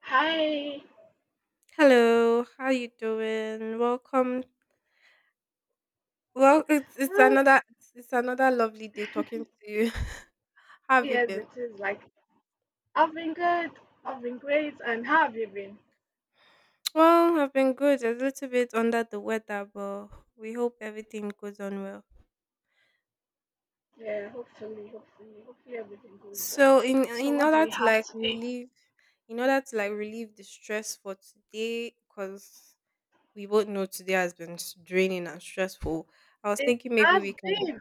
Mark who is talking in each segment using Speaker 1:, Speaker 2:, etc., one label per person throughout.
Speaker 1: Hi.
Speaker 2: Hello, how you doing? Welcome. Well, it's it's
Speaker 1: Well,
Speaker 2: another it's, it's another lovely day talking to you. How have you
Speaker 1: yes,
Speaker 2: been?
Speaker 1: it is. I've been good. I've been great. And how have you been?
Speaker 2: Well, I've been good. A little bit under the weather, but we hope everything goes on well.
Speaker 1: Yeah, hopefully, hopefully everything goes
Speaker 2: So,
Speaker 1: well.
Speaker 2: in
Speaker 1: So,
Speaker 2: in
Speaker 1: what do
Speaker 2: order
Speaker 1: we
Speaker 2: to
Speaker 1: have today?
Speaker 2: relieve, in order to relieve the stress for today, because we both know today has been draining and stressful. I was
Speaker 1: It
Speaker 2: thinking maybe
Speaker 1: has been.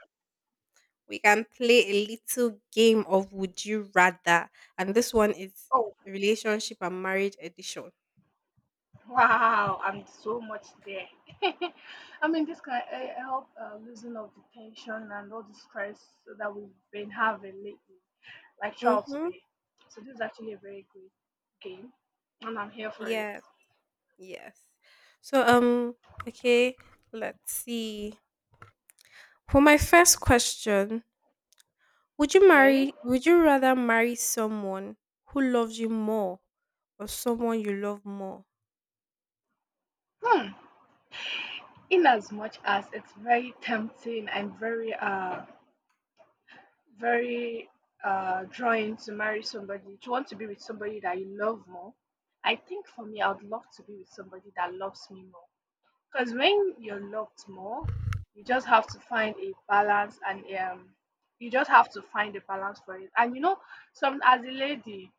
Speaker 2: we can play a little game of would you rather, and this one is
Speaker 1: Oh,
Speaker 2: relationship and marriage edition.
Speaker 1: wow. I'm so much there. I mean, this can help loosen of the tension and all the stress that we've been having lately, like throughout
Speaker 2: Mm-hmm.
Speaker 1: today. So, this is actually a very good game. And I'm here for it.
Speaker 2: Yes, yes. So okay, let's see. For my first question,
Speaker 1: Okay.
Speaker 2: would you rather marry someone who loves you more or someone you love more?
Speaker 1: Hmm. In as much as it's very tempting and very drawing to marry somebody, to want to be with somebody that you love more, I think for me, I would love to be with somebody that loves me more. Because when you're loved more, you just have to find a balance, and you just have to find a balance for it. And you know, some, as a lady,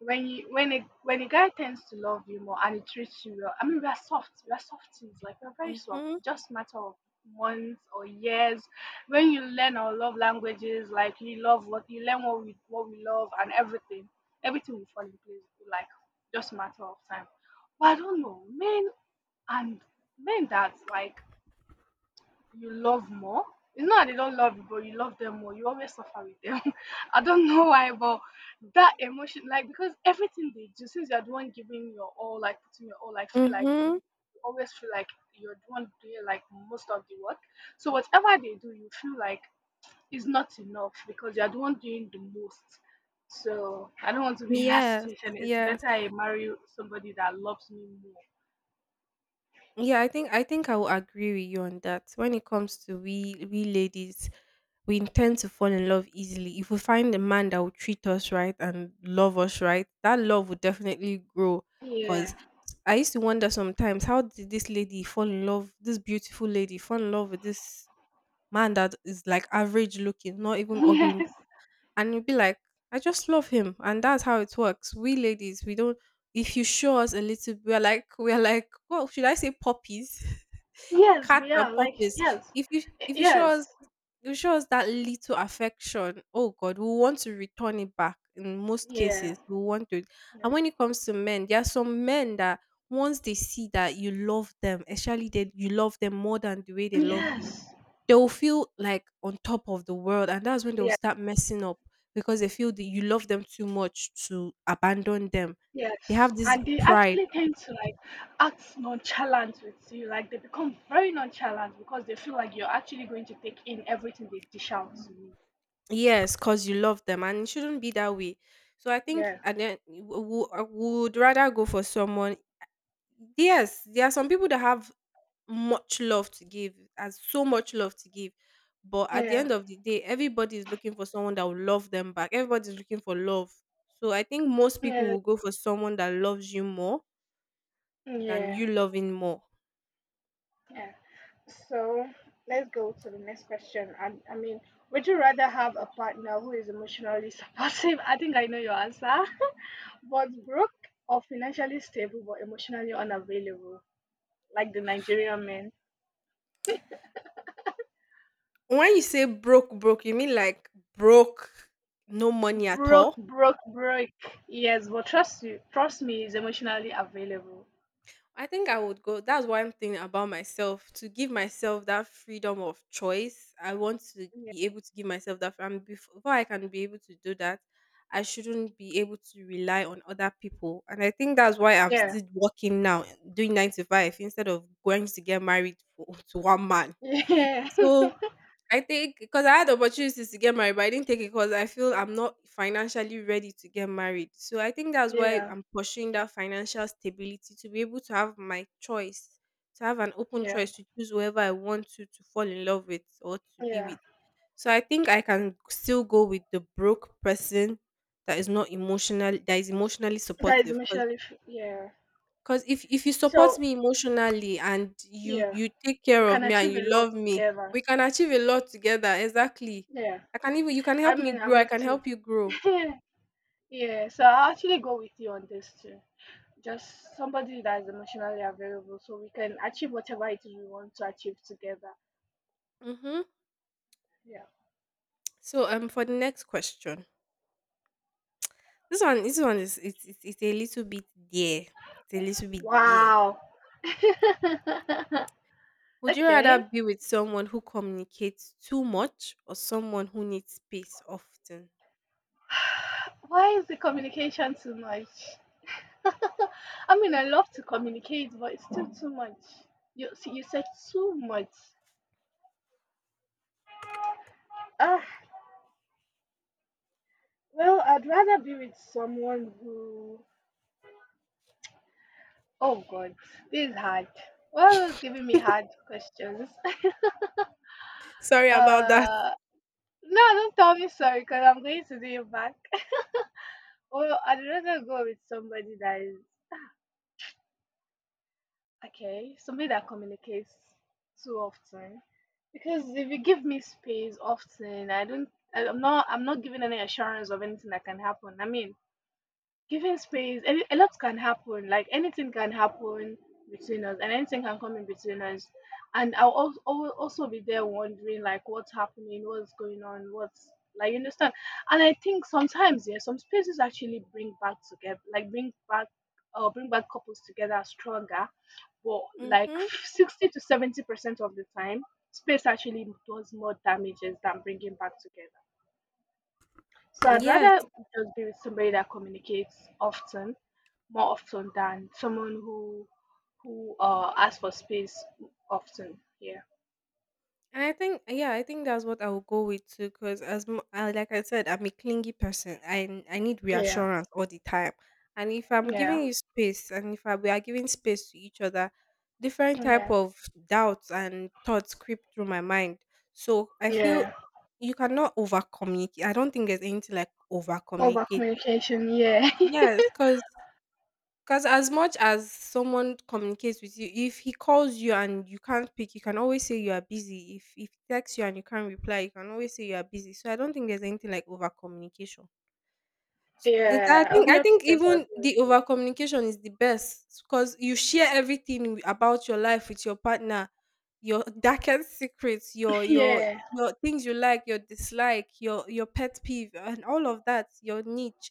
Speaker 1: when you, when a guy tends to love you more and he treats you well, I mean, we are soft things, like we're very soft.
Speaker 2: Mm-hmm.
Speaker 1: It's just a matter of months or years. When you learn our love languages, like you love, what you learn what we love and everything, everything will fall in place, like just a matter of time. But I don't know, men, and men that, like, you love more. It's not that they don't love you, but you love them more. You always suffer with them. I don't know why, but that emotion, like, because everything they do, since you're the one giving your all, like putting your all, like feel like
Speaker 2: Mm-hmm.
Speaker 1: you always feel like you're the one doing, like, most of the work. So whatever they do, you feel like it's not enough because you're the one doing the most. So I don't want to be in that
Speaker 2: Yes,
Speaker 1: situation. It's
Speaker 2: yes.
Speaker 1: better I marry somebody that loves me more.
Speaker 2: Yeah, I think I will agree with you on that. When it comes to we ladies, we intend to fall in love easily. If we find a man that will treat us right and love us right, that love will definitely grow. Cause
Speaker 1: Yeah.
Speaker 2: I used to wonder sometimes how did this lady fall in love, this beautiful lady fall in love with this man that is like average looking, not even ugly.
Speaker 1: Yes.
Speaker 2: And you'd be like, I just love him. And that's how it works. We ladies, we don't if you show us a little, we're like, we're like, what should I say, puppies?
Speaker 1: Yes,
Speaker 2: Cat
Speaker 1: we
Speaker 2: and
Speaker 1: are like,
Speaker 2: puppies.
Speaker 1: yes,
Speaker 2: If you if you show us
Speaker 1: yes,
Speaker 2: if you show us that little affection, oh God, we want to return it back. In most
Speaker 1: yeah,
Speaker 2: cases, we want to. And
Speaker 1: yeah.
Speaker 2: when it comes to men, there are some men that once they see that you love them, especially that you love them more than the way they love you,
Speaker 1: Yes,
Speaker 2: they will feel like on top of the world, and that's when they will
Speaker 1: yeah,
Speaker 2: start messing up because they feel that you love them too much to abandon them. They
Speaker 1: yes.
Speaker 2: have this
Speaker 1: And they
Speaker 2: pride.
Speaker 1: actually tend to like act nonchalant with you, like they become very nonchalant because they feel like you're actually going to take in everything they dish out to you.
Speaker 2: Yes, because you love them, and it shouldn't be that way. So I think,
Speaker 1: Yeah,
Speaker 2: and then I would rather go for someone. Yes, there are some people that have much love to give, has so much love to give, but at the
Speaker 1: yeah,
Speaker 2: end of the day, everybody is looking for someone that will love them back. Everybody's looking for love. So I think most people
Speaker 1: yeah,
Speaker 2: will go for someone that loves you more than
Speaker 1: yeah,
Speaker 2: you loving more.
Speaker 1: yeah. So let's go to the next question. I mean, would you rather have a partner who is emotionally supportive? I think I know your answer. But broke, or financially stable but emotionally unavailable, like the Nigerian men.
Speaker 2: When you say broke, broke, you mean like broke, no money at
Speaker 1: Broke,
Speaker 2: all?
Speaker 1: broke, broke. Yes, but trust you, trust me, is emotionally available.
Speaker 2: I think I would go. That's one thing about myself, to give myself that freedom of choice. I want to be able to give myself that. And before I can be able to do that, I shouldn't be able to rely on other people. And I think that's why I'm
Speaker 1: Yeah,
Speaker 2: still working now, doing nine to five instead of going to get married for, to one man.
Speaker 1: yeah,
Speaker 2: So I think because I had opportunities to get married, but I didn't take it because I feel I'm not financially ready to get married. So I think that's why
Speaker 1: yeah,
Speaker 2: I'm pursuing that financial stability to be able to have my choice, to have an open
Speaker 1: yeah,
Speaker 2: choice to choose whoever I want to fall in love with or to be
Speaker 1: yeah.
Speaker 2: with. So I think I can still go with the broke person that is not emotional, that is emotionally
Speaker 1: That is
Speaker 2: supportive.
Speaker 1: emotionally, yeah.
Speaker 2: Because if you support
Speaker 1: So
Speaker 2: me emotionally and
Speaker 1: yeah,
Speaker 2: you take
Speaker 1: we
Speaker 2: care of
Speaker 1: can
Speaker 2: me and
Speaker 1: achieve a
Speaker 2: you love
Speaker 1: lot
Speaker 2: me,
Speaker 1: together.
Speaker 2: we can achieve a lot together. Exactly.
Speaker 1: Yeah,
Speaker 2: I can even you can
Speaker 1: I
Speaker 2: help me
Speaker 1: mean, I'm
Speaker 2: grow. I
Speaker 1: with
Speaker 2: can
Speaker 1: you.
Speaker 2: help you grow.
Speaker 1: Yeah, so I'll actually go with you on this too. Just somebody that's emotionally available, so we can achieve whatever it is we want to achieve together.
Speaker 2: Mm-hmm.
Speaker 1: Yeah.
Speaker 2: So um, for the next question, this one is it's a little bit there. It's a little bit there.
Speaker 1: Wow.
Speaker 2: Would you rather
Speaker 1: Okay.
Speaker 2: be with someone who communicates too much or someone who needs space often?
Speaker 1: Why is the communication too much? I mean, I love to communicate, but it's still too much. You see, you said too much. Ah, well, I'd rather be with someone who. Oh God, this is hard. Why was giving me hard questions?
Speaker 2: Sorry about that.
Speaker 1: Uh, No, don't tell me sorry because I'm going to do you back. Well, I'd rather go with somebody that is okay, somebody that communicates too often. Because if you give me space often, I'm not giving any assurance of anything that can happen. I mean, giving space, any, a lot can happen. Like anything can happen between us, and anything can come in between us. And I'll also be there wondering, like, what's happening, what's going on, what's, like, you understand? And I think sometimes, yeah, some spaces actually bring back together, like, bring back couples together stronger. But like
Speaker 2: Mm-hmm.
Speaker 1: 60 to 70% of the time, space actually does more damages than bringing back together. So I'd
Speaker 2: Yes.
Speaker 1: rather just be with somebody that communicates often, more often than someone who asks for space often. Yeah.
Speaker 2: And I think, yeah, I think that's what I will go with too. Because as I, like I said, I'm a clingy person. I need
Speaker 1: Yeah.
Speaker 2: reassurance all the time. And if I'm
Speaker 1: Yeah.
Speaker 2: giving you space, and if I, we are giving space to each other, different type
Speaker 1: Yeah.
Speaker 2: of doubts and thoughts creep through my mind. So I feel
Speaker 1: Yeah.
Speaker 2: you cannot over communicate. I don't think there's anything like over
Speaker 1: Over
Speaker 2: communicate.
Speaker 1: communication. Yeah.
Speaker 2: Yes, because 'cause as much as someone communicates with you, if he calls you and you can't pick, you can always say you are busy. If he texts you and you can't reply, you can always say you are busy. So I don't think there's anything like over communication. The I
Speaker 1: Yeah.
Speaker 2: think I
Speaker 1: Hundred
Speaker 2: think
Speaker 1: percent agree
Speaker 2: even
Speaker 1: with
Speaker 2: the
Speaker 1: you.
Speaker 2: over communication is the best because you share everything about your life with your partner, your darkest secrets, your
Speaker 1: Yeah.
Speaker 2: your things you like, your dislike, your pet peeve, and all of that, your niche.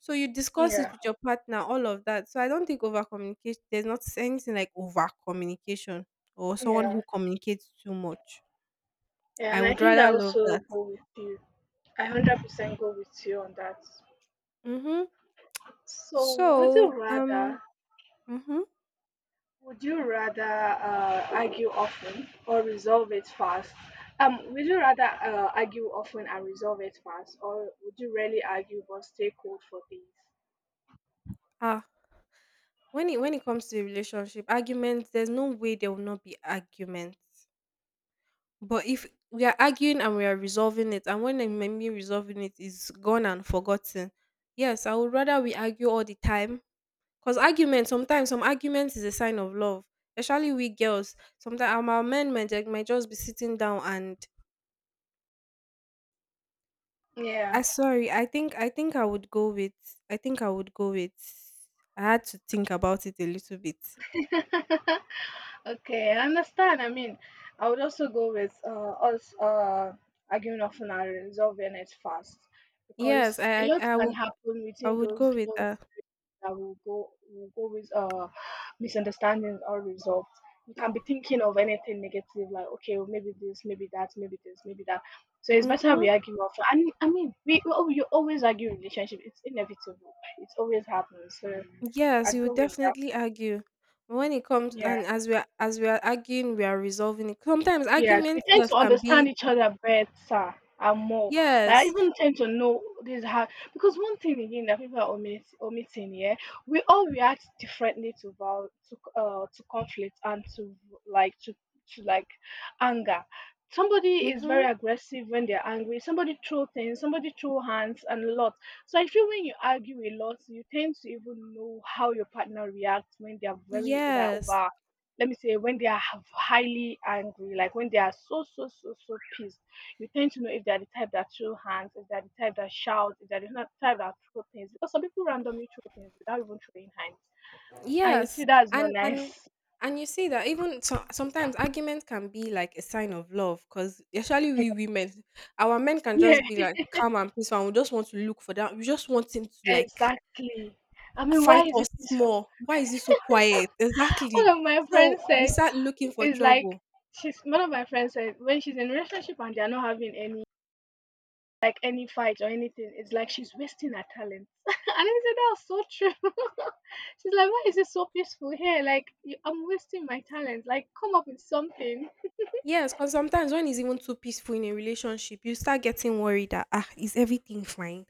Speaker 2: So you discuss it
Speaker 1: Yeah.
Speaker 2: with your partner, all of that. So I don't think over communication. There's not anything like over communication or someone
Speaker 1: Yeah.
Speaker 2: who communicates too much.
Speaker 1: Yeah.
Speaker 2: I
Speaker 1: And I
Speaker 2: would
Speaker 1: think I
Speaker 2: rather love
Speaker 1: also
Speaker 2: that.
Speaker 1: go with you. I 100% go with you on that.
Speaker 2: Mm-hmm.
Speaker 1: So would
Speaker 2: So
Speaker 1: you
Speaker 2: um.
Speaker 1: rather,
Speaker 2: Mhm.
Speaker 1: would you rather argue often or resolve it fast? Would you rather argue often and resolve it fast, or would you rarely argue but stay cold for things?
Speaker 2: Ah, when it comes to a relationship, arguments, there's no way there will not be arguments. But if we are arguing and we are resolving it, and when I mean me resolving it is gone and forgotten, yes, I would rather we argue all the time. Cause argument sometimes, some arguments is a sign of love, especially we girls. Sometimes our men might, might just be sitting down and I
Speaker 1: Yeah.
Speaker 2: sorry, I think I would go with. I had to think about it a little bit.
Speaker 1: Okay, I understand. I mean, I would also go with us arguing often and resolving it fast, because
Speaker 2: Yes,
Speaker 1: a lot
Speaker 2: I
Speaker 1: can
Speaker 2: would.
Speaker 1: happen
Speaker 2: I
Speaker 1: within
Speaker 2: would
Speaker 1: those
Speaker 2: go with
Speaker 1: long,
Speaker 2: that.
Speaker 1: that will go with misunderstandings unresolved. You can be thinking of anything negative, like, okay, well, maybe this, maybe that, maybe this, maybe that. So it's better
Speaker 2: Mm-hmm.
Speaker 1: we argue often. And I mean, you always argue in relationship. It's inevitable. It always happens. So
Speaker 2: Yes,
Speaker 1: I'd
Speaker 2: you
Speaker 1: go
Speaker 2: would
Speaker 1: with that.
Speaker 2: definitely argue. But when it comes
Speaker 1: Yeah.
Speaker 2: and as we are arguing, we are resolving it. Sometimes
Speaker 1: Yes, we
Speaker 2: arguments
Speaker 1: tend
Speaker 2: self
Speaker 1: to
Speaker 2: can be
Speaker 1: understand each other better and more. Like, I
Speaker 2: yes.
Speaker 1: even tend to know this how, because one thing again that people are omitting here, we all react differently to val to conflict and to, like to like, anger. Somebody is very
Speaker 2: Mm-hmm.
Speaker 1: aggressive when they're angry. Somebody throw things. Somebody throw hands and a lot. So I feel when you argue a lot, you tend to even know how your partner reacts when they're very they're
Speaker 2: Yes.
Speaker 1: over let me say when they are highly angry, like when they are so so so so pissed, you tend to know if they are the type that throw hands, if they are the type that shout, if they are the type that throw things. Because some people randomly throw things without even throwing hands, and you
Speaker 2: Yes.
Speaker 1: see that's not
Speaker 2: And and
Speaker 1: nice.
Speaker 2: and you see that even so, sometimes argument can be like a sign of love because especially we women, our men can
Speaker 1: Yeah,
Speaker 2: just be like calm and peaceful and we just want to look for that. We just want him to like
Speaker 1: exactly. I mean, why
Speaker 2: fight
Speaker 1: is
Speaker 2: us
Speaker 1: it peaceful?
Speaker 2: small. Why is it so quiet? Exactly.
Speaker 1: One of my
Speaker 2: So
Speaker 1: friends
Speaker 2: we
Speaker 1: said,
Speaker 2: start looking for
Speaker 1: it's like,
Speaker 2: trouble.
Speaker 1: she's one of my friends said when she's in a relationship and they're not having any, like, any fight or anything, it's like she's wasting her talent. And I said that was so true. She's like, why is it so peaceful here? Like, you, I'm wasting my talent. Like, come up with something.
Speaker 2: Yes, because sometimes when it's even too peaceful in a relationship, you start getting worried that, ah, is everything fine?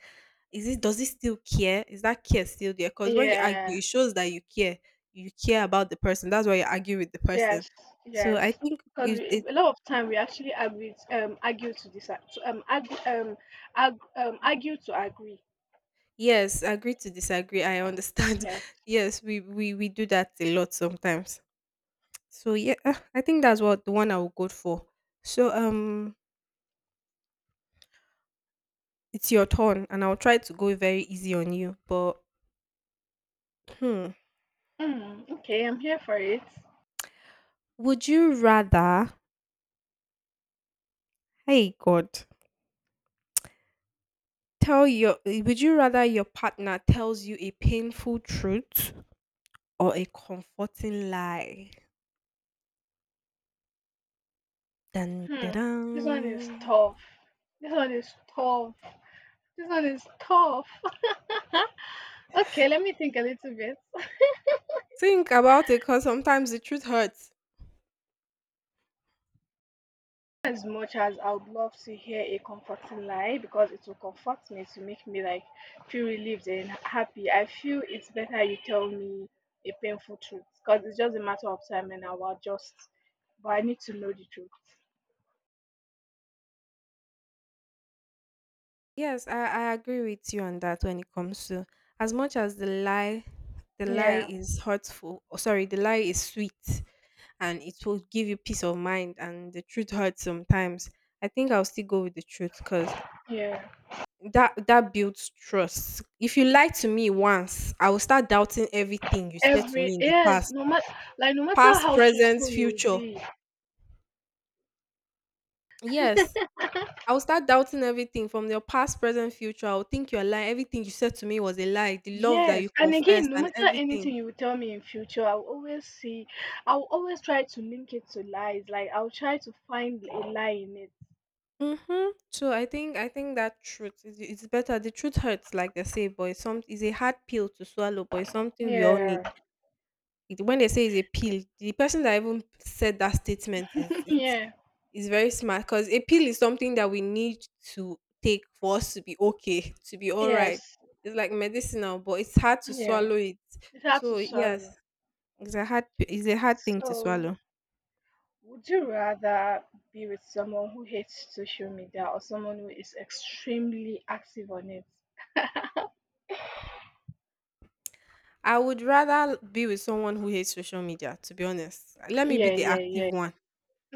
Speaker 2: Is it does it still care? Is that care still there? Because when you argue,
Speaker 1: Yeah.
Speaker 2: it shows that you care. You care about the person. That's why you argue with the person.
Speaker 1: Yes.
Speaker 2: So
Speaker 1: Yes. Because we,
Speaker 2: it
Speaker 1: a lot of time, we actually argue, argue to decide, to, argue, arg, argue to agree.
Speaker 2: yes, agree to disagree. I understand.
Speaker 1: Yes.
Speaker 2: Yes, we do that a lot sometimes. So yeah, I think that's what the one I will go for. So it's your turn, and I'll try to go very easy on you. But hmm,
Speaker 1: Mm, okay, I'm here for it.
Speaker 2: would you rather? Hey God, tell your. Eh, would you rather your partner tells you a painful truth or a comforting lie? Dun, dun,
Speaker 1: Hmm.
Speaker 2: dun.
Speaker 1: This one is tough. This one is tough. This one is tough. Okay, let me think a little bit.
Speaker 2: Think about it, cause sometimes the truth hurts.
Speaker 1: As much as I would love to hear a comforting lie because it will comfort me to make me, like, feel relieved and happy, I feel it's better you tell me a painful truth because it's just a matter of time and I will adjust. But I need to know the truth.
Speaker 2: Yes, I agree with you on that when it comes to as much as the lie
Speaker 1: Yeah,
Speaker 2: is hurtful, or sorry, the lie is sweet and it will give you peace of mind and the truth hurts sometimes. I think I'll still go with the truth because
Speaker 1: yeah.
Speaker 2: that builds trust. If you lie to me once, I will start doubting everything you said to me
Speaker 1: Every,
Speaker 2: in the
Speaker 1: yes,
Speaker 2: past.
Speaker 1: no matter, like, no matter
Speaker 2: Past,
Speaker 1: how
Speaker 2: present,
Speaker 1: truthful you will
Speaker 2: future.
Speaker 1: be,
Speaker 2: Yes, I will start doubting everything from your past, present, future. I will think you're lying. Everything you said to me was a lie. The love that you
Speaker 1: yes, and
Speaker 2: confessed
Speaker 1: again, no
Speaker 2: and
Speaker 1: matter
Speaker 2: everything.
Speaker 1: anything you will tell me in future, I'll always see, I'll always try to link it to lies. Like, I'll try to find a lie in it.
Speaker 2: Mm-hmm. So I think that truth is it's better. The truth hurts, like they say, but it's a hard pill to swallow, but it's something we all need.
Speaker 1: Yeah,
Speaker 2: It, when they say it's a pill, the person that even said that statement is it's
Speaker 1: yeah,
Speaker 2: is very smart because a pill is something that we need to take for us to be okay, to be all right.
Speaker 1: yes,
Speaker 2: It's like medicinal, but it's hard to
Speaker 1: yeah.
Speaker 2: swallow it.
Speaker 1: It's hard to
Speaker 2: So yes,
Speaker 1: swallow.
Speaker 2: it's a hard, thing to
Speaker 1: So,
Speaker 2: swallow.
Speaker 1: would you rather be with someone who hates social media or someone who is extremely active on it?
Speaker 2: I would rather be with someone who hates social media, to be honest. Let me be
Speaker 1: Yeah,
Speaker 2: the
Speaker 1: yeah,
Speaker 2: active
Speaker 1: yeah.
Speaker 2: one.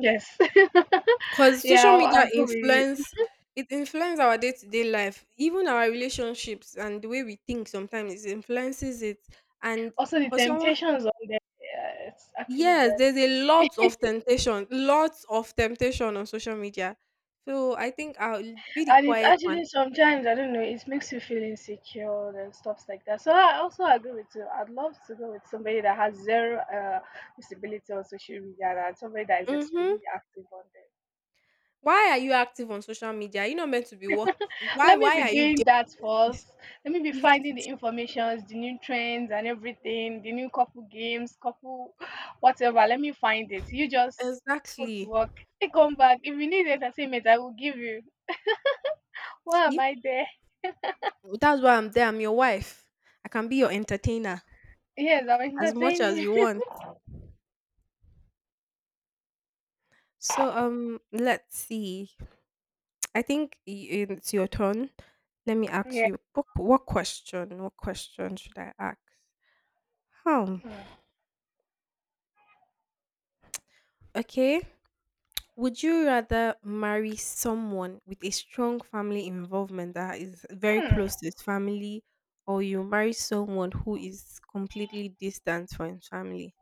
Speaker 1: Yes.
Speaker 2: Because social
Speaker 1: Yeah,
Speaker 2: media
Speaker 1: I'll go with you.
Speaker 2: influence, it influences our day-to-day life, even our relationships and the way we think sometimes, it influences it. And
Speaker 1: Also, the
Speaker 2: for someone,
Speaker 1: temptations on there, yeah, it's actually
Speaker 2: yes,
Speaker 1: very,
Speaker 2: there's a lot of temptation, lots of temptation on social media. So I think I'll be the
Speaker 1: and it's
Speaker 2: quiet one.
Speaker 1: actually sometimes, I don't know, it makes you feel insecure and stuffs like that. So I also agree with you. I'd love to go with somebody that has zero visibility on social media and somebody that is extremely
Speaker 2: Mm-hmm.
Speaker 1: active on there.
Speaker 2: Why are you active on social media? You're not meant to be working.
Speaker 1: Let me
Speaker 2: Why
Speaker 1: be
Speaker 2: are you there?
Speaker 1: doing that first. Let me be
Speaker 2: If
Speaker 1: finding the
Speaker 2: it's
Speaker 1: informations, the new trends and everything, the new couple games, couple whatever. Let me find it. You just go to
Speaker 2: exactly.
Speaker 1: work. I come back. If you need entertainment, I will give you. Why am
Speaker 2: See,
Speaker 1: I there?
Speaker 2: that's why I'm there. I'm your wife. I can be your entertainer
Speaker 1: Yes, I'll
Speaker 2: as much
Speaker 1: entertain
Speaker 2: as you
Speaker 1: you.
Speaker 2: want. So let's see. I think it's your turn. Let me ask
Speaker 1: Yeah.
Speaker 2: you. What question? What question should I ask? Hmm. Okay. Would you rather marry someone with a strong family involvement that is very
Speaker 1: Hmm.
Speaker 2: close to his family, or you marry someone who is completely distant from his family?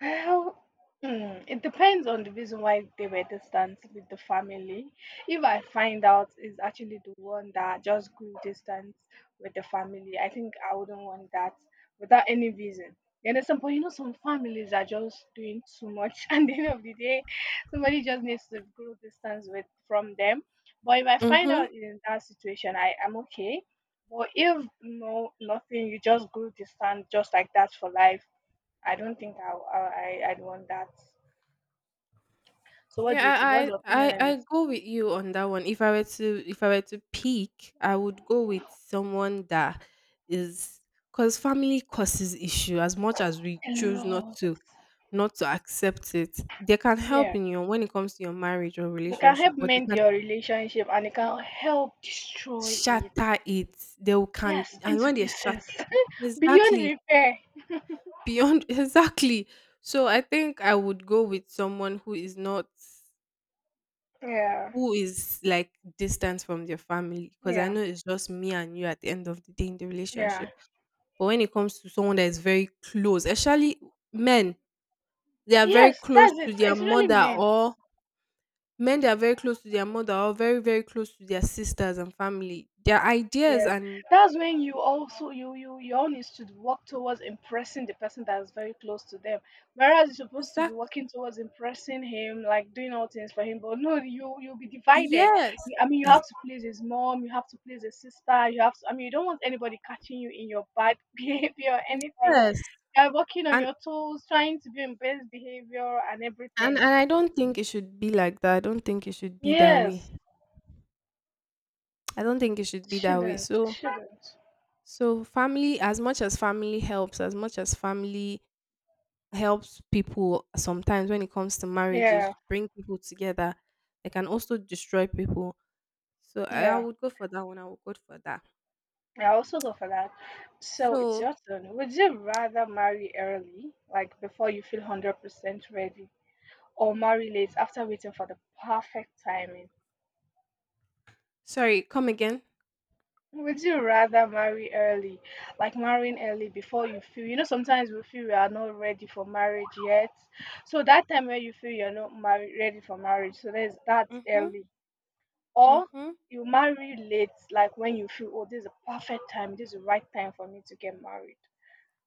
Speaker 1: Well, mm, it depends on the reason why they were distant with the family. If I find out is actually the one that just grew distant with the family, I think I wouldn't want that without any reason. You understand? But you know, some families are just doing too much, and at the end of the day, somebody just needs to grow distance with from them. But if I find
Speaker 2: Mhm.
Speaker 1: out in that situation, I am okay. But if no, nothing, you just grew distant just like that for life, I don't think I'd want that. So what do you
Speaker 2: Yeah,
Speaker 1: think? What's
Speaker 2: I,
Speaker 1: your
Speaker 2: I
Speaker 1: opinion on
Speaker 2: I I
Speaker 1: it?
Speaker 2: go with you on that one. If I were to pick, I would go with someone that is because family causes issue as much as we
Speaker 1: A
Speaker 2: choose not
Speaker 1: lot.
Speaker 2: to not to accept it. They can help
Speaker 1: Yeah,
Speaker 2: in your when it comes to your marriage or
Speaker 1: they can
Speaker 2: relationship,
Speaker 1: help
Speaker 2: but they
Speaker 1: mend
Speaker 2: can
Speaker 1: your relationship and they can help destroy it.
Speaker 2: shatter it. They will can
Speaker 1: Yes,
Speaker 2: and
Speaker 1: into
Speaker 2: when they shatter
Speaker 1: pieces. Beyond
Speaker 2: exactly
Speaker 1: repair.
Speaker 2: beyond exactly. So I think I would go with someone who is not
Speaker 1: Yeah,
Speaker 2: who is like distant from their family because I
Speaker 1: yeah,
Speaker 2: know it's just me and you at the end of the day in the
Speaker 1: yeah.
Speaker 2: relationship. But when it comes to someone that is very close, especially men, they are very
Speaker 1: Yes,
Speaker 2: close
Speaker 1: that's
Speaker 2: to
Speaker 1: it.
Speaker 2: their
Speaker 1: It's really
Speaker 2: mother
Speaker 1: men.
Speaker 2: or men they are very close to their mother or very, very close to their sisters and family. Their ideas
Speaker 1: Yes,
Speaker 2: and
Speaker 1: that's when you also you all needs to work towards impressing the person that's very close to them. Whereas you're supposed to be
Speaker 2: exact
Speaker 1: working towards impressing him, like doing all things for him, but no, you'll be divided.
Speaker 2: yes.
Speaker 1: I mean, you
Speaker 2: Ex-
Speaker 1: have to please his mom, you have to please his sister, you have to. I mean, you don't want anybody catching you in your bad behavior or anything.
Speaker 2: Yes.
Speaker 1: You're working on
Speaker 2: And
Speaker 1: your toes, trying to be in best behavior and
Speaker 2: and
Speaker 1: everything.
Speaker 2: and I don't think it should be like that. I don't think it should be that way.
Speaker 1: Yes,
Speaker 2: I don't think it should be that way.
Speaker 1: shouldn't
Speaker 2: So
Speaker 1: shouldn't.
Speaker 2: So family, as much as family helps, as much as family helps people sometimes when it comes to marriages,
Speaker 1: Yeah,
Speaker 2: bring people together, they can also destroy people. So I
Speaker 1: yeah.
Speaker 2: would go for that one. I would go for that.
Speaker 1: I also go for that. So it's
Speaker 2: So
Speaker 1: your turn. Would you rather marry early, like before you feel 100% ready, or marry late after waiting for the perfect timing?
Speaker 2: sorry, come again.
Speaker 1: Would you rather marry early, like marrying early before you feel, you know, sometimes we feel we are not ready for marriage yet. So that time where you feel you're not married, ready for marriage, so there's that's
Speaker 2: Mhm.
Speaker 1: early. Or
Speaker 2: Mhm.
Speaker 1: you marry late, like when you feel, oh, this is a perfect time, this is the right time for me to get married.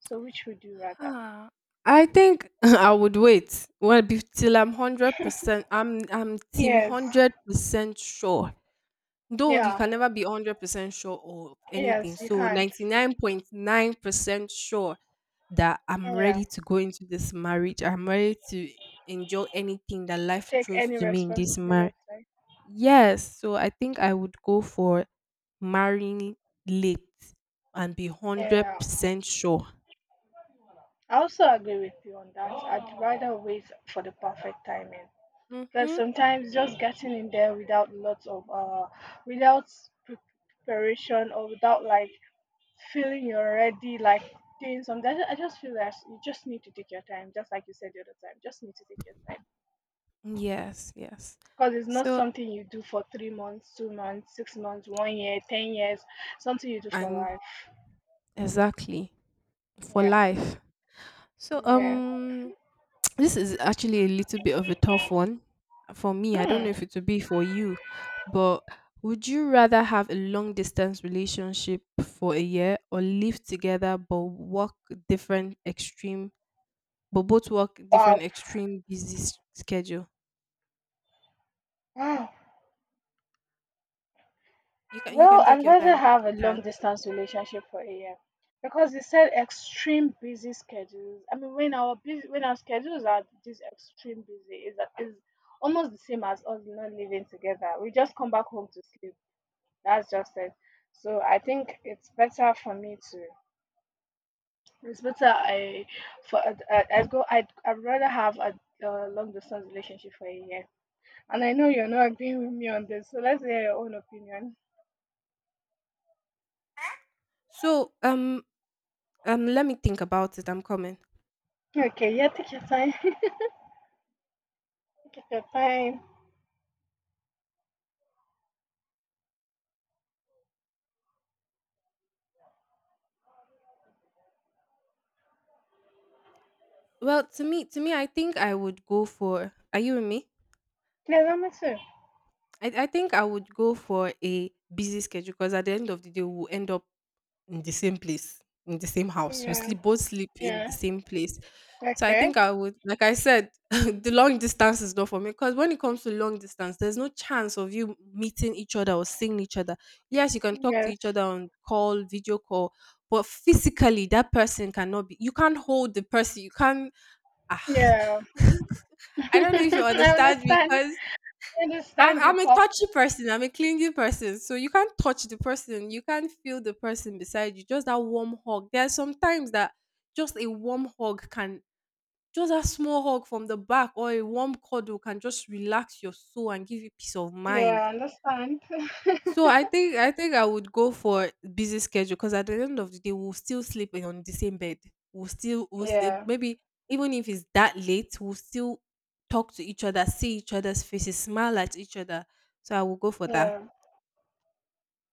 Speaker 1: So which would you rather?
Speaker 2: Ah, I think I would wait. Well, till I'm 100%. I'm team
Speaker 1: Yes.
Speaker 2: 100% sure. Though you
Speaker 1: Yeah.
Speaker 2: can never be 100% sure of anything.
Speaker 1: Yes, you
Speaker 2: So
Speaker 1: can't.
Speaker 2: 99.9% sure that I'm
Speaker 1: Yeah.
Speaker 2: ready to go into this marriage. I'm ready to enjoy anything that
Speaker 1: To
Speaker 2: life
Speaker 1: take
Speaker 2: throws
Speaker 1: any
Speaker 2: to me in this marriage.
Speaker 1: responsibility.
Speaker 2: Yes. So I think I would go for marrying late and be
Speaker 1: Yeah.
Speaker 2: 100% sure.
Speaker 1: I also agree with you on that. I'd rather wait for the perfect timing. Because
Speaker 2: Mm-hmm.
Speaker 1: sometimes just getting in there without lots of without pre- preparation or without like feeling you're ready, like doing something. I just feel that you just need to take your time, just like you said the other time. Just need to take your time,
Speaker 2: Yes, yes.
Speaker 1: because it's not
Speaker 2: So,
Speaker 1: something you do for three months, two months, six months, one year, ten years. Something you do for
Speaker 2: and
Speaker 1: life.
Speaker 2: exactly for
Speaker 1: Yeah,
Speaker 2: life. So,
Speaker 1: yeah.
Speaker 2: this is actually a little bit of a tough one for me. I don't know
Speaker 1: Hmm.
Speaker 2: if it would be for you, but would you rather have a long distance relationship for a year or live together but work different extreme but both work
Speaker 1: Wow.
Speaker 2: different extreme busy schedule?
Speaker 1: Wow.
Speaker 2: You can
Speaker 1: Well,
Speaker 2: take
Speaker 1: I'd
Speaker 2: your
Speaker 1: rather
Speaker 2: time, take
Speaker 1: have
Speaker 2: your
Speaker 1: a long
Speaker 2: time.
Speaker 1: distance relationship for a year because they said extreme busy schedules. I mean, when our schedules are this extreme busy, is almost the same as us not living together. We just come back home to sleep. That's just it. So I think it's better for me to It's better I for I, I I'd I'd rather have a long distance relationship for a year. And I know you're not agreeing with me on this, so let's hear your own opinion.
Speaker 2: So let me think about it. I'm coming.
Speaker 1: Okay, yeah, take your time. Take your time.
Speaker 2: Well, to me I think I would go for. Are you with me?
Speaker 1: Yeah, that makes sense.
Speaker 2: I think I would go for a busy schedule because at the end of the day, we'll end up in the same place, in the same house. We
Speaker 1: Yeah,
Speaker 2: sleep both sleep in the
Speaker 1: yeah.
Speaker 2: same place. So I
Speaker 1: Okay.
Speaker 2: think I would, like I said, the long distance is not for me because when it comes to long distance, there's no chance of you meeting each other or seeing each other. Yes, you can talk to
Speaker 1: Yes.
Speaker 2: each other on call, video call, but physically that person cannot be. You can't hold the person. You can't. ah,
Speaker 1: Yeah.
Speaker 2: I don't know if you
Speaker 1: I
Speaker 2: understand
Speaker 1: understand.
Speaker 2: because
Speaker 1: I
Speaker 2: I'm,
Speaker 1: understand you
Speaker 2: I'm a
Speaker 1: perfect.
Speaker 2: touchy person. I'm a clingy person. So you can't touch the person. You can't feel the person beside you. Just that warm hug. There are some times that just a warm hug can, just a small hug from the back or a warm cuddle can just relax your soul and give you peace of
Speaker 1: Yeah,
Speaker 2: mind.
Speaker 1: I understand.
Speaker 2: So I think I think I would go for busy schedule because at the end of the day we'll still sleep on the same bed. We'll still we'll st-
Speaker 1: Yeah,
Speaker 2: maybe even if it's that late, we'll still talk to each other, see each other's faces, smile at each other. So I will go for that.
Speaker 1: yeah.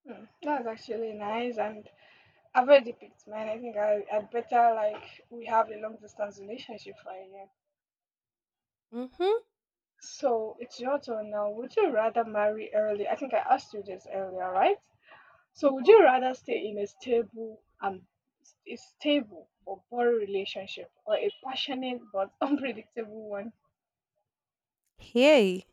Speaker 1: Hmm, that's actually nice, and I've already picked man. I think I better, like we have a long distance relationship right now.
Speaker 2: Mm-hmm.
Speaker 1: So it's your turn now. Would you rather marry early? I think I asked you this earlier, right? So would you rather stay in a stable a stable but boring relationship or a passionate but unpredictable one?
Speaker 2: Hey.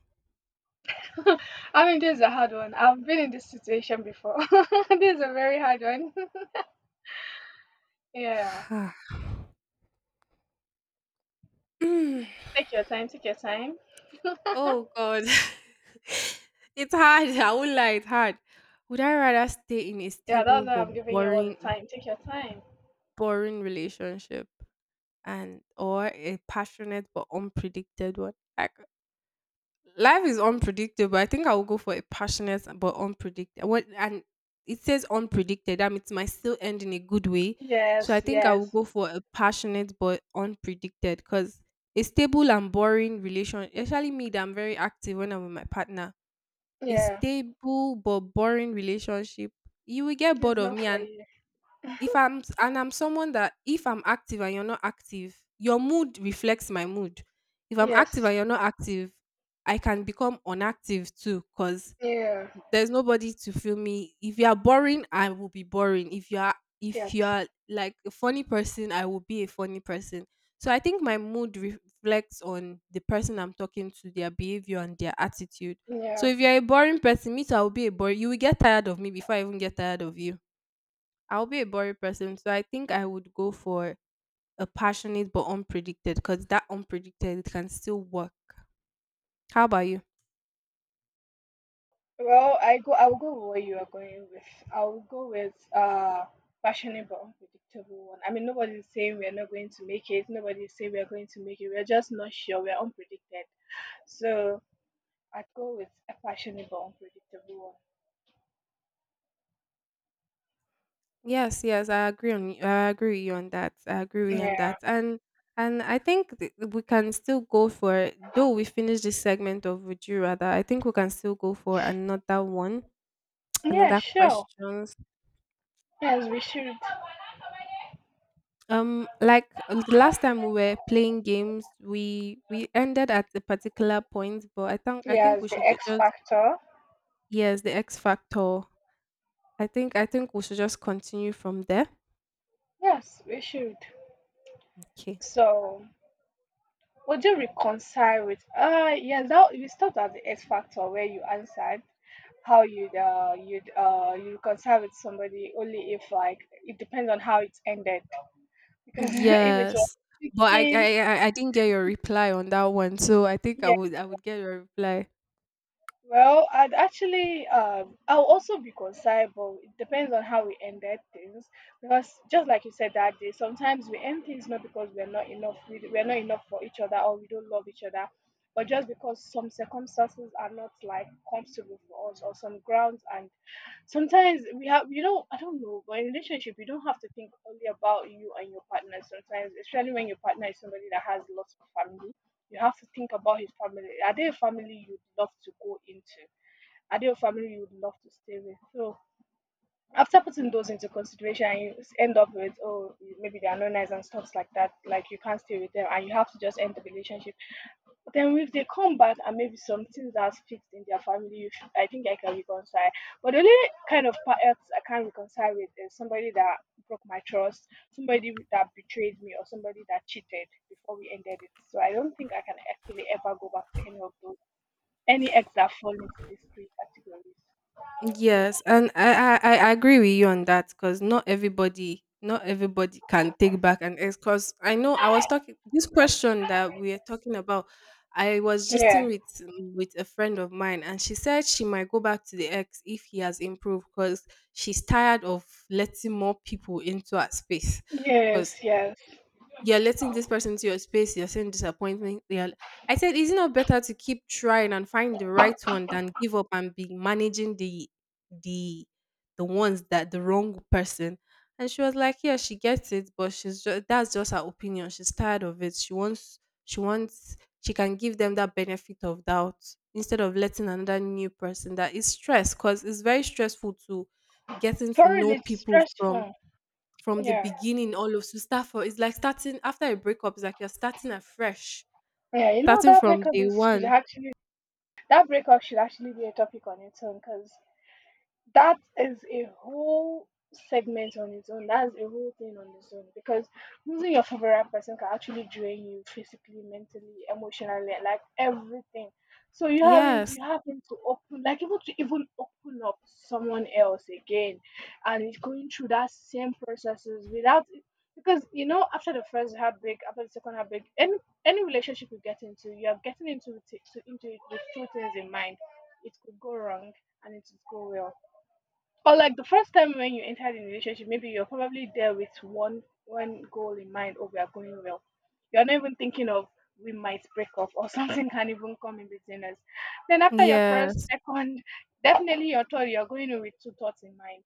Speaker 1: I mean, this is a hard one. I've been in this situation before. This is a very hard one. Yeah.
Speaker 2: Mm.
Speaker 1: Take your time, take your time.
Speaker 2: Oh God. It's hard. I won't lie, it's hard. Would I rather stay in a
Speaker 1: Yeah, that's
Speaker 2: stable
Speaker 1: why
Speaker 2: but
Speaker 1: I'm giving you all the
Speaker 2: boring
Speaker 1: time. Take your time.
Speaker 2: boring relationship and or a passionate but unpredicted one. Like life is unpredictable. I think I will go for a passionate but unpredictable. What and it says unpredicted. That means it might still end in a good way. So I
Speaker 1: Yes,
Speaker 2: think I will
Speaker 1: yes,
Speaker 2: go for a passionate but unpredicted because a stable and boring relation, especially me that I'm very active when I'm with my partner, a
Speaker 1: yeah.
Speaker 2: stable but boring relationship, you will get
Speaker 1: It's
Speaker 2: bored of
Speaker 1: not
Speaker 2: me
Speaker 1: for
Speaker 2: and
Speaker 1: you.
Speaker 2: if I'm s- and I'm someone that if I'm active and you're not active, your mood reflects my mood. If I'm active and
Speaker 1: Yes,
Speaker 2: you're not active, I can become unactive too because
Speaker 1: yeah,
Speaker 2: there's nobody to feel me. If you are boring, I will be boring. If you are if
Speaker 1: yes,
Speaker 2: you are like a funny person, I will be a funny person. So I think my mood reflects on the person I'm talking to, their behavior and their attitude. So
Speaker 1: yeah.
Speaker 2: if you're a boring person, me too, I will be a boring. You will get tired of me before I even get tired of you. I'll be a boring person, so I think I would go for a passionate but unpredicted because that unpredicted it can still work. How about you?
Speaker 1: Well, I will go with what you are going with. I will go with fashionable, unpredictable one. I mean, nobody's saying we're not going to make it. Nobody's saying we're going to make it. We're just not sure. We're unpredicted. So I'd go with a fashionable, unpredictable
Speaker 2: Yes, yes, I agree on you. I agree with you on that. I agree with
Speaker 1: one.
Speaker 2: you on
Speaker 1: Yeah,
Speaker 2: that. And I think we can still go for though we finish this segment of would you rather. I think we can still go for another one,
Speaker 1: yeah,
Speaker 2: another
Speaker 1: sure.
Speaker 2: questions.
Speaker 1: Yes, we should.
Speaker 2: Like, the last time we were playing games, we ended at a particular point, but I think we
Speaker 1: Yes, the
Speaker 2: should
Speaker 1: X
Speaker 2: just.
Speaker 1: factor.
Speaker 2: Yes, the X Factor. I think we should just continue from there.
Speaker 1: Yes, we should.
Speaker 2: Okay.
Speaker 1: So. Would you reconcile with yes, that you stopped at the X factor where you answered how you reconcile with somebody only if, like, it depends on how it ended, because if it was
Speaker 2: Yes. But I
Speaker 1: kicking,
Speaker 2: I, I I didn't get your reply on that one, so I think I
Speaker 1: yeah.
Speaker 2: would I would get your reply.
Speaker 1: Well, I'd actually, I'll also be concerned, but it depends on how we ended things. Because just like you said that day, sometimes we end things not because we're not enough, we're not enough for each other, or we don't love each other, but just because some circumstances are not like comfortable for us, or some grounds are, sometimes we have, you know, I don't know, but in relationship you don't have to think only about you and your partner sometimes, especially when your partner is somebody that has lots of family. You have to think about his family. Are they a family you'd love to go into? Are they a family you'd love to stay with? So after putting those into consideration, you end up with, oh, maybe they are not nice and stuff like that, like you can't stay with them, and you have to just end the relationship. Then if they come back and maybe some things that's fixed in their family, you should, I think I can reconcile. But the only kind of part else I can't reconcile with is somebody that broke my trust, somebody that betrayed me, or somebody that cheated before we ended it. So I don't think I can actually ever go back to any of those, any ex that fall into these three categories.
Speaker 2: Yes, and I agree with you on that because not everybody can take back an ex. Because I know I was talking this question that we are talking about. I was
Speaker 1: Yeah.
Speaker 2: justing with a friend of mine, and she said she might go back to the ex if he has improved because she's tired of letting more people into her space. Because
Speaker 1: Yes, yes.
Speaker 2: you're letting this person into your space, you're saying disappointment. You're, I said, is it not better to keep trying and find the right one than give up and be managing the the the ones that the wrong person? And she was like, yeah, she gets it, but she's just that's just her opinion. She's tired of it. She can give them that benefit of doubt instead of letting another new person that is stressed because it's very stressful to getting to
Speaker 1: For real,
Speaker 2: know
Speaker 1: it's
Speaker 2: people from
Speaker 1: stressful.
Speaker 2: from the
Speaker 1: Yeah,
Speaker 2: beginning all of to start for it's like starting after a breakup, it's like you're starting afresh,
Speaker 1: yeah. You know
Speaker 2: starting
Speaker 1: that
Speaker 2: from
Speaker 1: breakup
Speaker 2: day
Speaker 1: is, should
Speaker 2: one.
Speaker 1: actually, that breakup should actually be a topic on its own, because that is a whole segment on its own. That's a whole thing on its own because losing your favorite person can actually drain you physically, mentally, emotionally, like everything. So you haven't
Speaker 2: Yes,
Speaker 1: you having to open, like, even to even open up to someone else again, and it's going through that same processes without, because you know after the first heartbreak, after the second heartbreak, any relationship you get into, you are getting into into it with two things in mind. It could go wrong and it could go well. Or like the first time when you entered the relationship, maybe you're probably there with one goal in mind, oh we are going well. You're not even thinking of, we might break off or something can even come in between us. Then after your first,
Speaker 2: yes.
Speaker 1: second, definitely your third, you're going in with two thoughts in mind.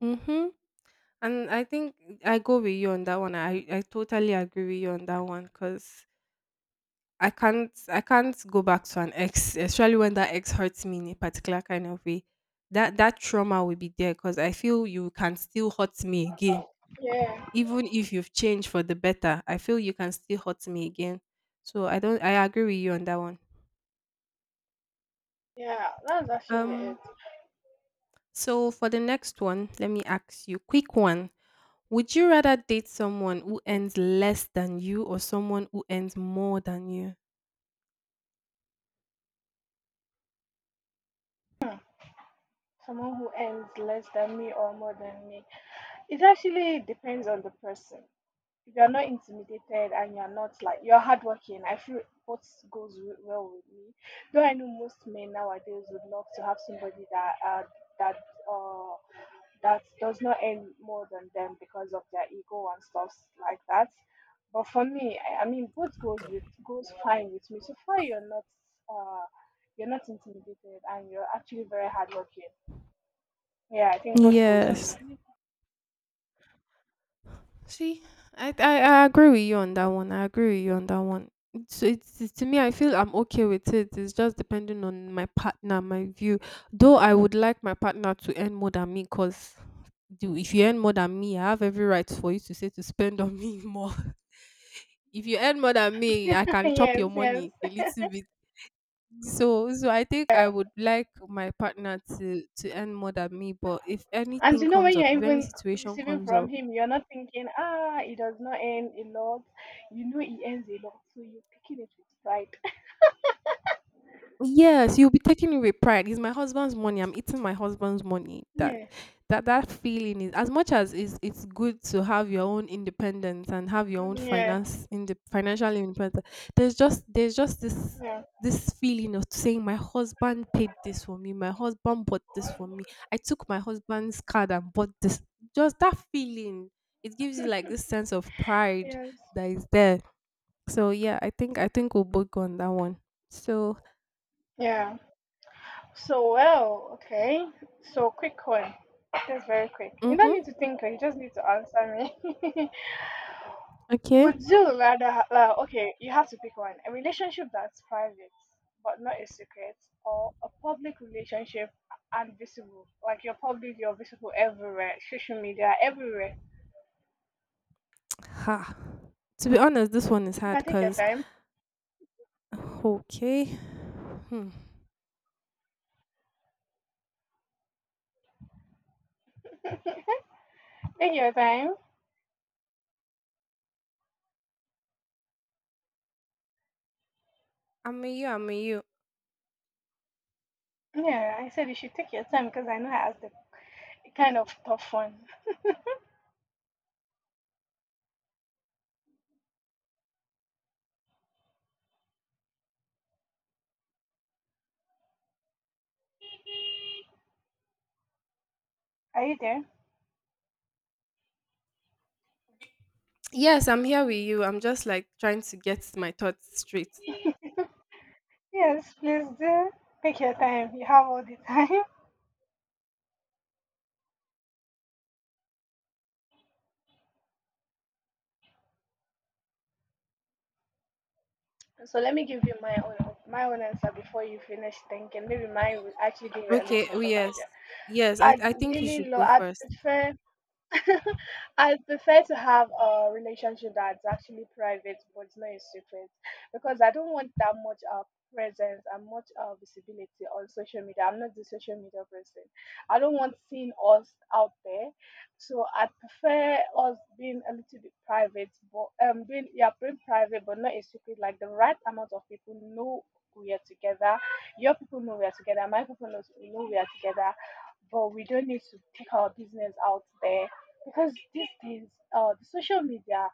Speaker 2: Mm-hmm. And I think I go with you on that one. I totally agree with you on that one because I can't go back to an ex, especially when that ex hurts me in a particular kind of way that that trauma will be there because I feel you can still hurt me again.
Speaker 1: Yeah,
Speaker 2: Even if you've changed for the better, I feel you can still hurt me again. So I don't I agree with you on that one.
Speaker 1: yeah, that's actually it.
Speaker 2: Um so for the next one, let me ask you quick one. Would you rather date someone who earns less than you or someone who earns more than you?
Speaker 1: Someone who earns less than me or more than me. It actually depends on the person. If you're not intimidated and you're not like, you're hardworking, I feel well with me. Though I know most men nowadays would love to have somebody that that uh, that does not earn more than them because of their ego and stuff like that. But for me, I mean, both goes fine with me. So far, uh, you're not intimidated and you're actually very hardworking. Yeah, I think both goes with
Speaker 2: Yes.
Speaker 1: me.
Speaker 2: See, I agree with you on that one. I agree with you on that one. So it's to me, I feel I'm okay with it. It's just depending on my partner, my view. Though I would like my partner to earn more than me, cause do if you earn more than me, I have every right for you to say to spend on me more. If you earn more than me, I can chop
Speaker 1: Yes,
Speaker 2: your
Speaker 1: yes.
Speaker 2: money a little bit. So I think I would like my partner to earn more than me. But if
Speaker 1: And
Speaker 2: anything
Speaker 1: you know,
Speaker 2: comes
Speaker 1: when
Speaker 2: up,
Speaker 1: you're
Speaker 2: if any
Speaker 1: even
Speaker 2: situation
Speaker 1: receiving
Speaker 2: comes
Speaker 1: from
Speaker 2: up.
Speaker 1: him, you're not thinking, ah, it does not earn a lot. You know, he earns a lot, so you're picking it with pride.
Speaker 2: Yes, you'll be taking it with pride. It's my husband's money. I'm eating my husband's money. That
Speaker 1: Yeah,
Speaker 2: that that feeling is as much as it's good to have your own independence and have your own
Speaker 1: yeah,
Speaker 2: finance in the financial independence. There's just this
Speaker 1: yeah,
Speaker 2: this feeling of saying my husband paid this for me, my husband bought this for me. I took my husband's card and bought this. Just that feeling. It gives you like this sense of pride
Speaker 1: yes,
Speaker 2: that is there. So yeah, I think we'll both go on that one. So.
Speaker 1: yeah. So, well, okay. So, quick one. That's very quick. You don't
Speaker 2: Mm-hmm.
Speaker 1: need to think, you just need to answer me.
Speaker 2: Okay.
Speaker 1: Would you rather? Okay, you have to pick one. A relationship that's private but not a secret, or a public relationship and visible. Like you're public, you're visible everywhere, social media, everywhere.
Speaker 2: Ha. To be honest, this one is
Speaker 1: You
Speaker 2: hard
Speaker 1: can take your
Speaker 2: because,
Speaker 1: time.
Speaker 2: okay. Hmm.
Speaker 1: Take your time.
Speaker 2: I'm with you. I'm with you.
Speaker 1: Yeah, I said you should take your time because I know I asked a kind of tough one. Are you there?
Speaker 2: Yes, I'm here with you. I'm just like trying to get my thoughts straight.
Speaker 1: Yes, please do. Take your time. You have all the time. So let me give you my own answer before you finish thinking. Maybe mine will actually give you a
Speaker 2: Okay.
Speaker 1: little
Speaker 2: Oh,
Speaker 1: bit of
Speaker 2: yes.
Speaker 1: idea.
Speaker 2: Yes.
Speaker 1: I
Speaker 2: I think you
Speaker 1: really
Speaker 2: should
Speaker 1: love.
Speaker 2: go
Speaker 1: I
Speaker 2: first.
Speaker 1: prefer I prefer to have a relationship that's actually private, but it's not a secret, because I don't want that much presence and much visibility on social media. I'm not the social media person. I don't want seeing us out there, so I prefer us being a little bit private, but being, yeah, being private, but not a secret. Like the right amount of people know we are together. Your people know we are together. My people know we are together, but we don't need to take our business out there, because these days, the social media,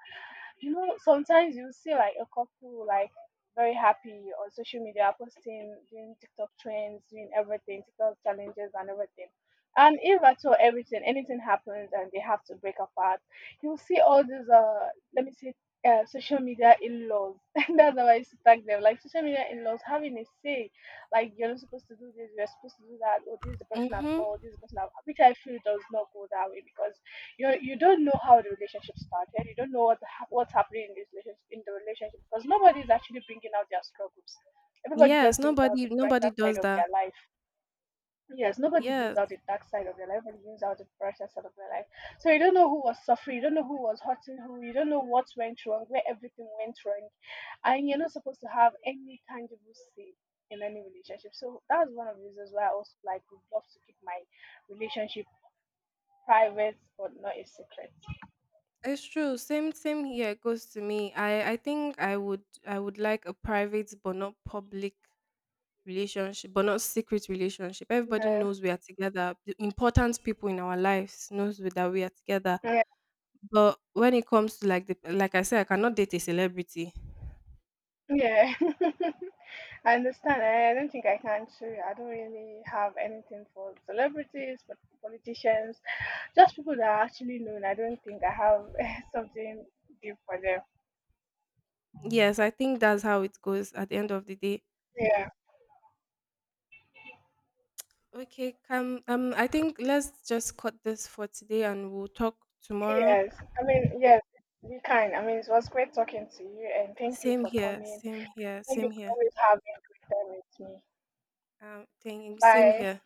Speaker 1: you know, sometimes you see like a couple like very happy on social media, posting, doing TikTok trends, doing everything, TikTok challenges and everything. And if at all everything, anything happens and they have to break apart, you see all these let me say social media in-laws. That's how I used to tag them. Like social media in-laws having a say. Like you're not supposed to do this, you're supposed to do that, or this is the person at
Speaker 2: Mm-hmm.
Speaker 1: fault, this is the person at which, I feel does not go that way, because you don't know how the relationship started, you don't know what's happening in this relationship, in the relationship because nobody is actually bringing out their struggles, everybody
Speaker 2: Yes.
Speaker 1: just brings out
Speaker 2: Nobody
Speaker 1: the
Speaker 2: nobody
Speaker 1: brighter side
Speaker 2: does
Speaker 1: of
Speaker 2: that.
Speaker 1: their life. Yes, nobody brings
Speaker 2: Yes.
Speaker 1: out the dark side of their life, everybody brings out the brighter side of their life. So you don't know who was suffering, you don't know who was hurting who, you don't know what went wrong, where everything went wrong, and you're not supposed to have any tangible say in any relationship. So that's one of the reasons why I also, like, would love to keep my relationship private but not a secret.
Speaker 2: It's true. Same here goes to me. I think I would like a private but not public relationship, but not secret relationship. Everybody
Speaker 1: Yeah.
Speaker 2: knows we are together. The important people in our lives knows that we are together. But when it comes to like the like I said, I cannot date a celebrity.
Speaker 1: Yeah, I understand. I don't think I can too. I don't really have anything for celebrities, but politicians, just people that are actually known. I don't think I have something deep for them.
Speaker 2: Yes, I think that's how it goes at the end of the day.
Speaker 1: Yeah,
Speaker 2: Okay, come I think let's just cut this for today and we'll talk tomorrow.
Speaker 1: yes. I mean, yes, we can. I mean, it was great talking to you, and thank you
Speaker 2: Same
Speaker 1: for
Speaker 2: here,
Speaker 1: coming.
Speaker 2: same here,
Speaker 1: Thank you
Speaker 2: same
Speaker 1: for
Speaker 2: here.
Speaker 1: always having a good time with me.
Speaker 2: Thing same
Speaker 1: Bye.
Speaker 2: here.